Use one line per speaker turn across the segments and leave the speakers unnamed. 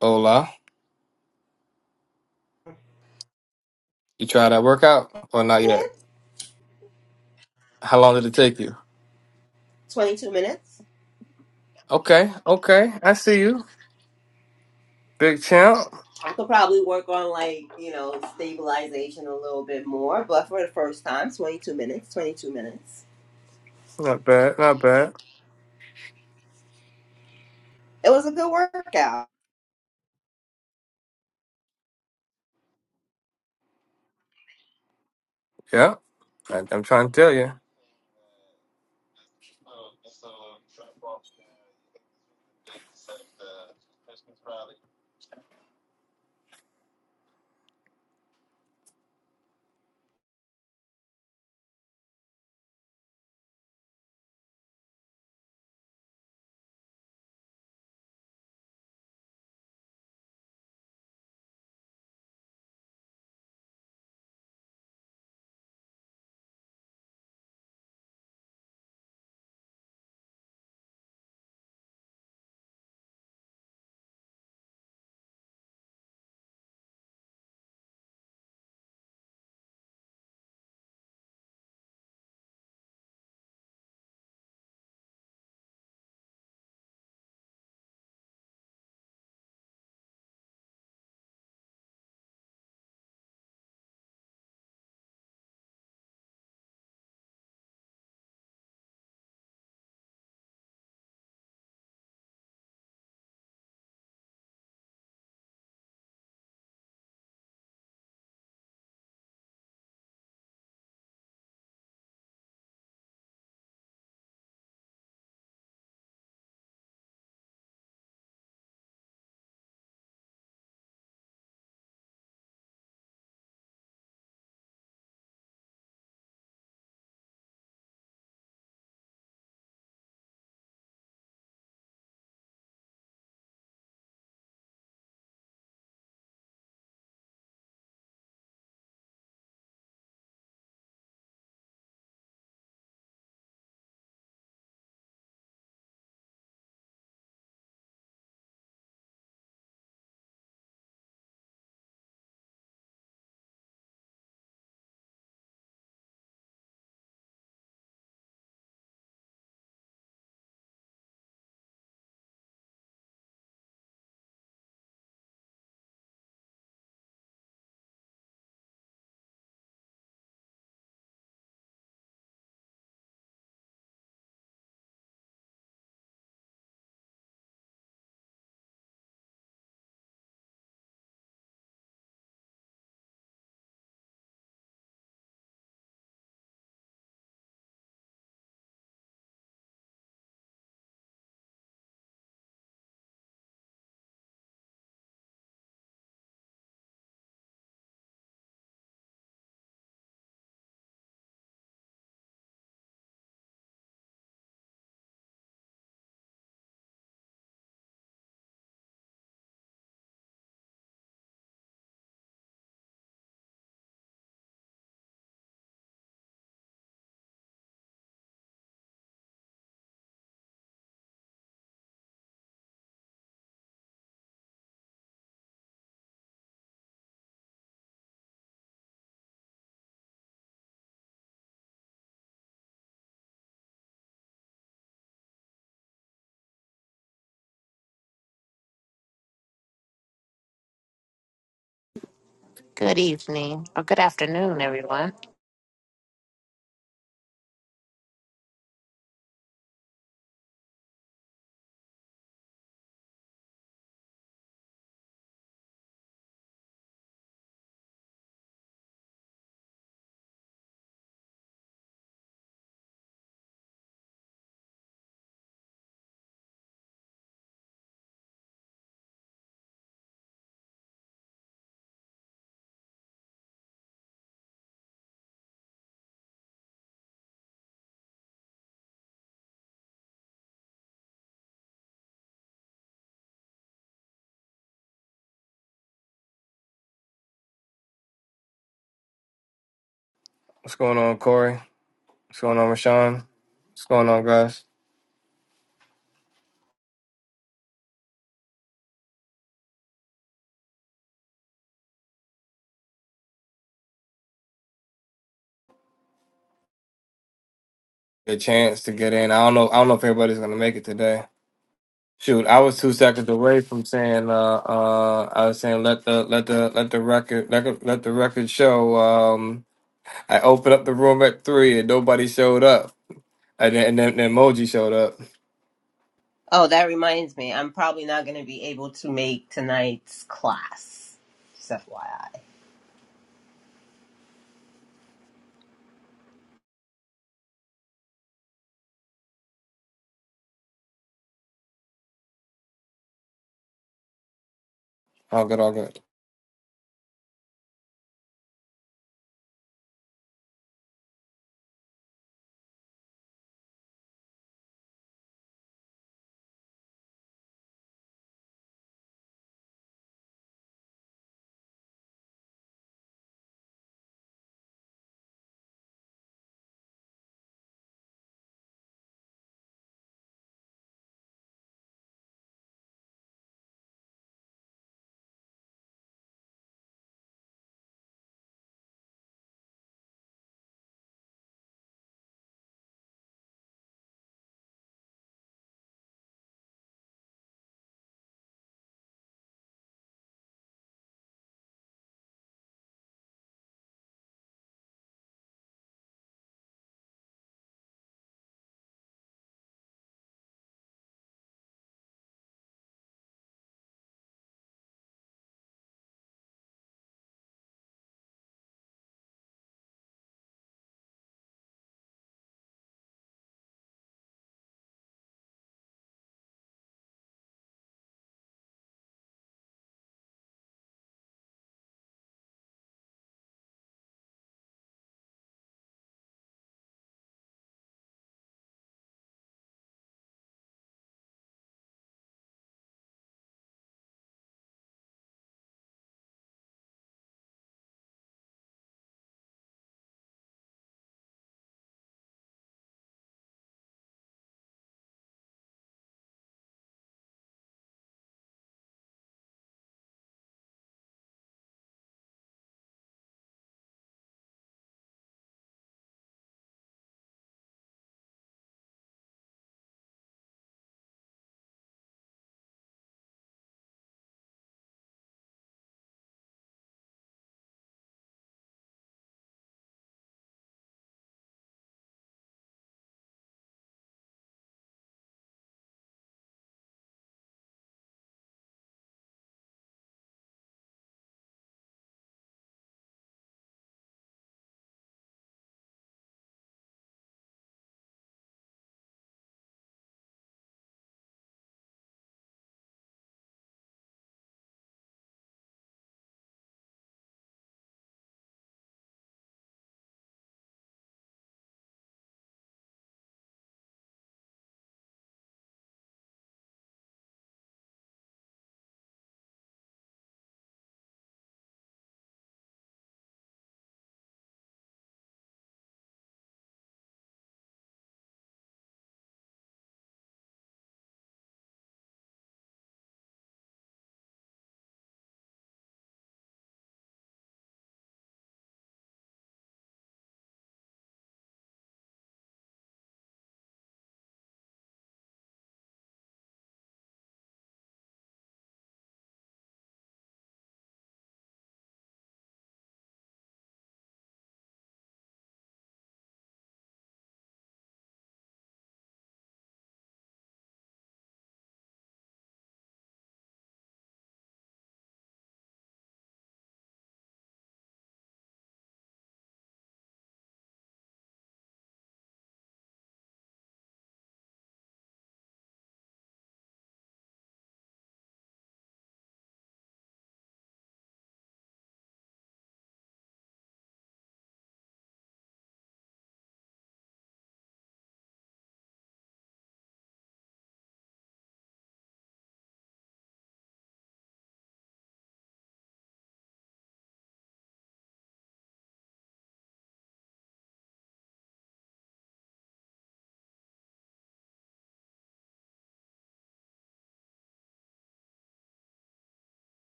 Hola. You trying that workout or not yet? How long did it take you?
22 minutes.
Okay, okay. I see you. Big champ.
I could probably work on like, you know, stabilization a little bit more, but for the first time, 22 minutes, 22 minutes.
Not bad, not bad.
It was a good workout.
Yeah. I, I'm trying to tell you.
Good evening or good afternoon, everyone.
What's going on, Corey? What's going on, Rashawn? What's going on, guys? A chance to get in. I don't know. I don't know if everybody's gonna make it today. Shoot, I was two seconds away from saying. Uh, uh, I was saying let the let the let the record let, the- let the record show. Um, I opened up the room at three and nobody showed up. And then, and then the emoji showed up.
Oh, that reminds me. I'm probably not going to be able to make tonight's class. Just FYI.
All good, all good.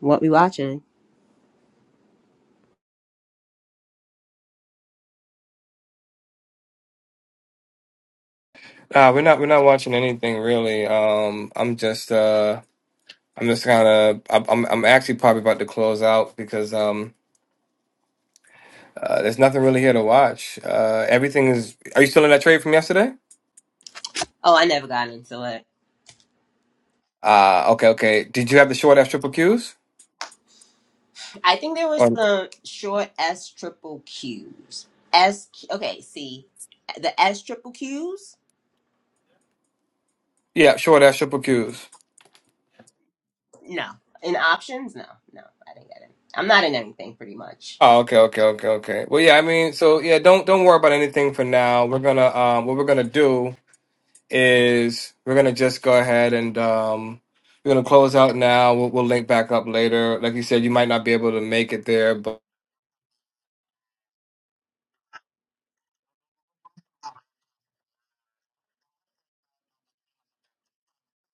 What we watching?
Nah, we're not we're not watching anything really. Um, I'm just uh, I'm just kind of I'm I'm I'm actually probably about to close out because um, uh, there's nothing really here to watch. Uh, everything is. Are you still in that trade from yesterday?
Oh, I never got into it.
Ah, okay, okay. Did you have the short ass triple Qs?
I think there was
Or,
some short S triple Qs. S, okay, see, the S triple Qs
yeah, short ass triple Qs.
No. In options? No. No, I didn't get it. I'm not in anything pretty much.
Oh, okay, okay, okay, okay. Well, yeah, I mean, so yeah, don't don't worry about anything for now. We're gonna um, what we're gonna do. is we're gonna just go ahead and um, we're gonna close out now. We'll, we'll link back up later. Like you said, you might not be able to make it there, but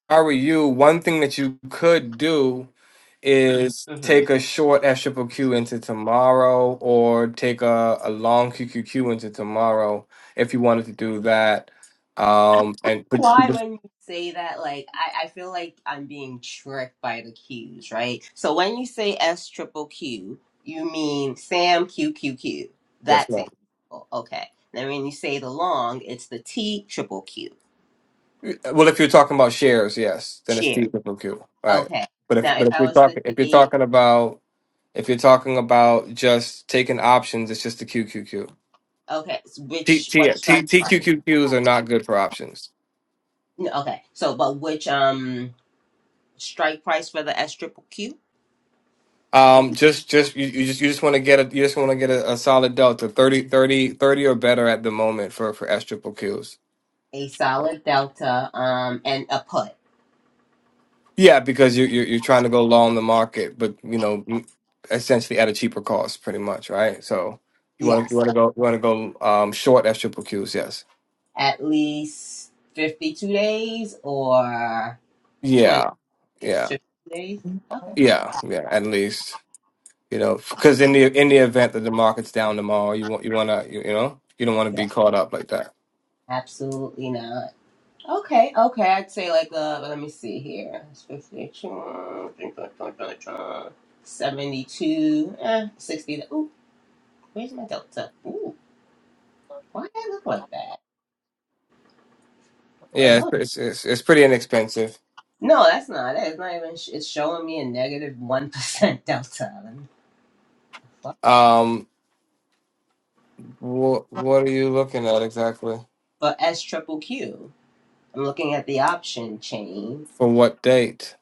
if I were you, one thing that you could do is
hmm
take a short S Q Q into tomorrow, or take a, a long QQQ into tomorrow if you wanted to do that. Um, and put
Why when you say that, like I, I feel like I'm being tricked by the Q's, right? So when you say S triple Q, you mean Sam Q Q Q.
yes,
That's
ma'am.
it. Oh, Okay. Then when you say the long, it's the T triple Q.
Well, if you're talking about shares, yes, then it's
Share.
TQQQ, right?
Okay.
But if
Now if
but if
I
you're
was to
talking if you're
take
talking about if you're talking about just taking options, it's just the QQQ.
okay, s-
T,
which what
T,
strike price?
TQQQs are not good for options.
No, Okay. So but which um strike price for the S triple Q?
Um, just just you, you just you just want to get a you just want to get a, a solid delta 30 30 30 or better at the moment for for S triple Qs.
a solid delta um and a put
Yeah, because you you're, you're trying to go long the market, but you know, m- essentially at a cheaper cost, pretty much, right? So you want to you
yes
want to go you want to go um short at triple Qs, yes.
at least 52 days or 20
Yeah,
days
yeah,
50 days okay
yeah, yeah. At least you know, because in the in the event that the market's down tomorrow, you want you want to you, you know you don't want to
yeah
be caught up like that.
absolutely not okay okay i'd say like uh let me see here It's 52 72 eh, 60 ooh where's my delta ooh why did i look like that wait
Yeah, it's
hold
it's it's, it's pretty inexpensive.
on. no that's not it it's not even sh- it's showing me a 1% delta
Um, what what are you looking at exactly?
for S Triple Q. Q. I'm looking at the option chain.
For what date?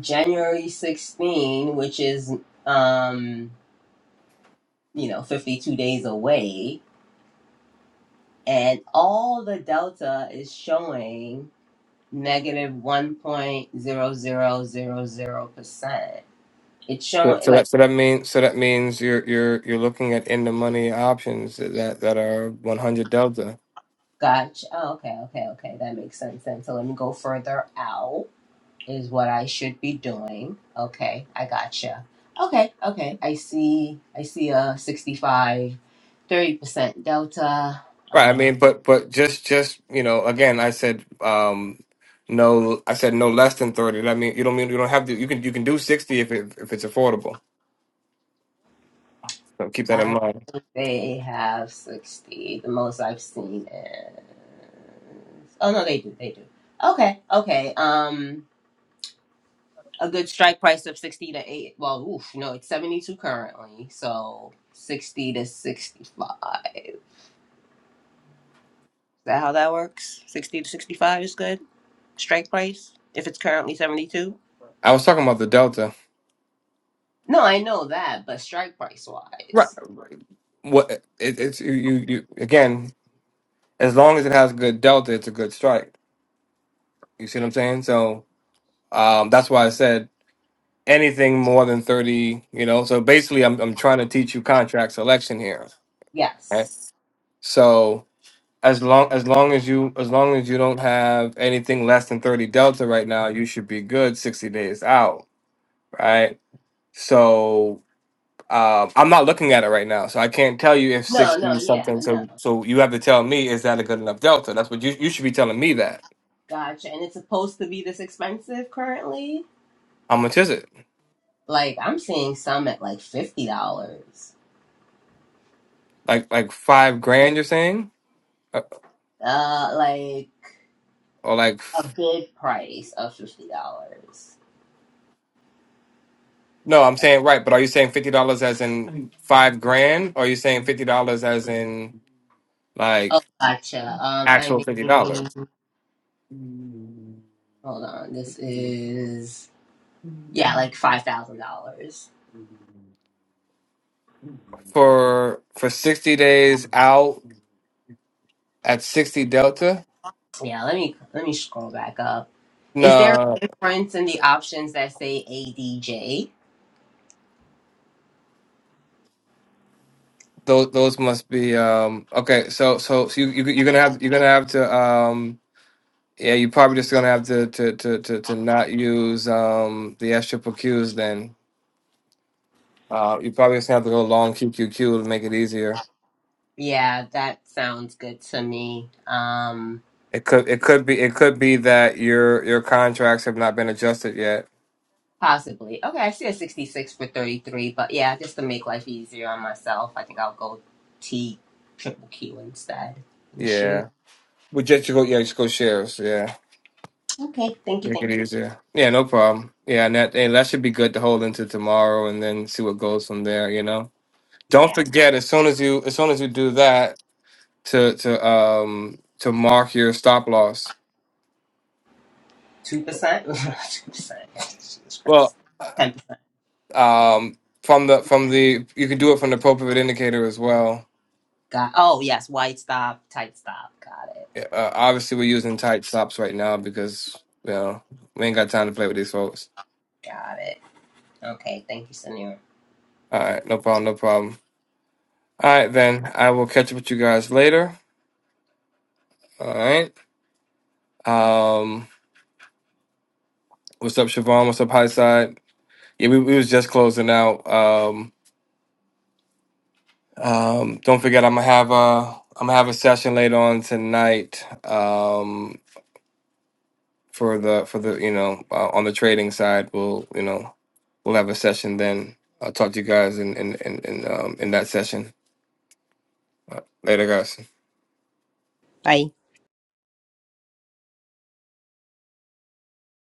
January 16, which is um, you know, 52 days away, and all the delta is showing negative 1.0000%. It's
So
showing
so
like
that so that means so that means you're you're you're looking at in the money options that that are 100 delta.
gotcha. Oh, okay, okay, okay. That makes sense then. So let me go further out is what I should be doing. Okay, I gotcha. Okay, okay. I see I see a sixty-five, thirty percent delta.
Right. I
Um,
mean, but but just just you know, again, I said um no, I said no less than 30. That mean you don't mean you don't have to. You can you can do 60 if it, if it's affordable. So keep that
I
in
don't
mind.
think they have 60. The most I've seen is oh no, they do, they do. Okay, okay. Um a good strike price of 60 to 8. Well, oof, no, it's 72 currently. So 60 to 65. Is that how that works? 60 to 65 is good? strike price if it's currently 72?
I was talking about the delta.
No, I know that, but strike price
Right.
wise,
What it, it's you, you you again, as long as it has good delta, it's a good strike. You see what I'm saying? So um that's why I said anything more than 30 you know so basically i'm, I'm trying to teach you contract selection here right
yes.
so as long as long as you as long as you don't have anything less than 30 delta right now you should be good 60 days out right so um, i'm not looking at it right now so i can't tell you if
No, no,
60
yeah,
something
no.
so so you have to tell me is that a good enough delta that's what you, you should be telling me that
Gotcha. And it's supposed to be this expensive currently?
how much is it
Like, I'm seeing some at like $50.
like like five grand you're saying Uh,
Uh, like
or like
a bid price of $50.
No, I'm saying right, but are you saying fifty dollars as in five grand? Or are you saying fifty dollars as in like
Oh, gotcha. Um, I
actual fifty
mean,
dollars?
hold on. This is, yeah, like $5,000.
For for sixty days out at sixty delta?
Yeah, let me let me scroll back up. Is there a
No,
difference in the options that say ADJ?
those those must be um okay, so so, so you, you you're gonna have you're gonna have to um yeah, you're probably just gonna have to to to to, to not use um the S triple Qs then. Uh, you probably just gonna have to go long QQQ to make it easier.
Yeah, that sounds good to me. Um
It could it could be it could be that your your contracts have not been adjusted yet.
possibly. Okay, I see a 66 for 33, but yeah, just to make life easier on myself, I think I'll go T triple Q instead and share.
Yeah. We just go yeah, just go shares, yeah.
Okay, thank you,
Make it
thank you.
easier. Yeah, no problem. Yeah, and that and that should be good to hold into tomorrow and then see what goes from there, you know. Don't
Yeah.
forget as soon as you as soon as you do that to to um to mark your stop loss.
2%? 2%. Jesus
Well,
Christ.
uh,
10%.
um from the from the you can do it from the appropriate indicator as well.
Got Oh, yes, wide stop, tight stop. Got it.
Yeah, Uh, obviously, we're using tight stops right now because you know we ain't got time to play with these folks.
Got it. Okay, thank you, Senor.
All right, no problem, no problem. All right, then I will catch up with you guys later. All right. Um, what's up, Siobhan? What's up, High Side? Yeah, we, we was just closing out. Um, um, don't forget, I'm gonna have a I'm gonna have a session later on tonight. Um, for the for the you know uh, on the trading side, we'll you know we'll have a session then. I'll talk to you guys in in in in, um, in that session. Later, guys.
Bye.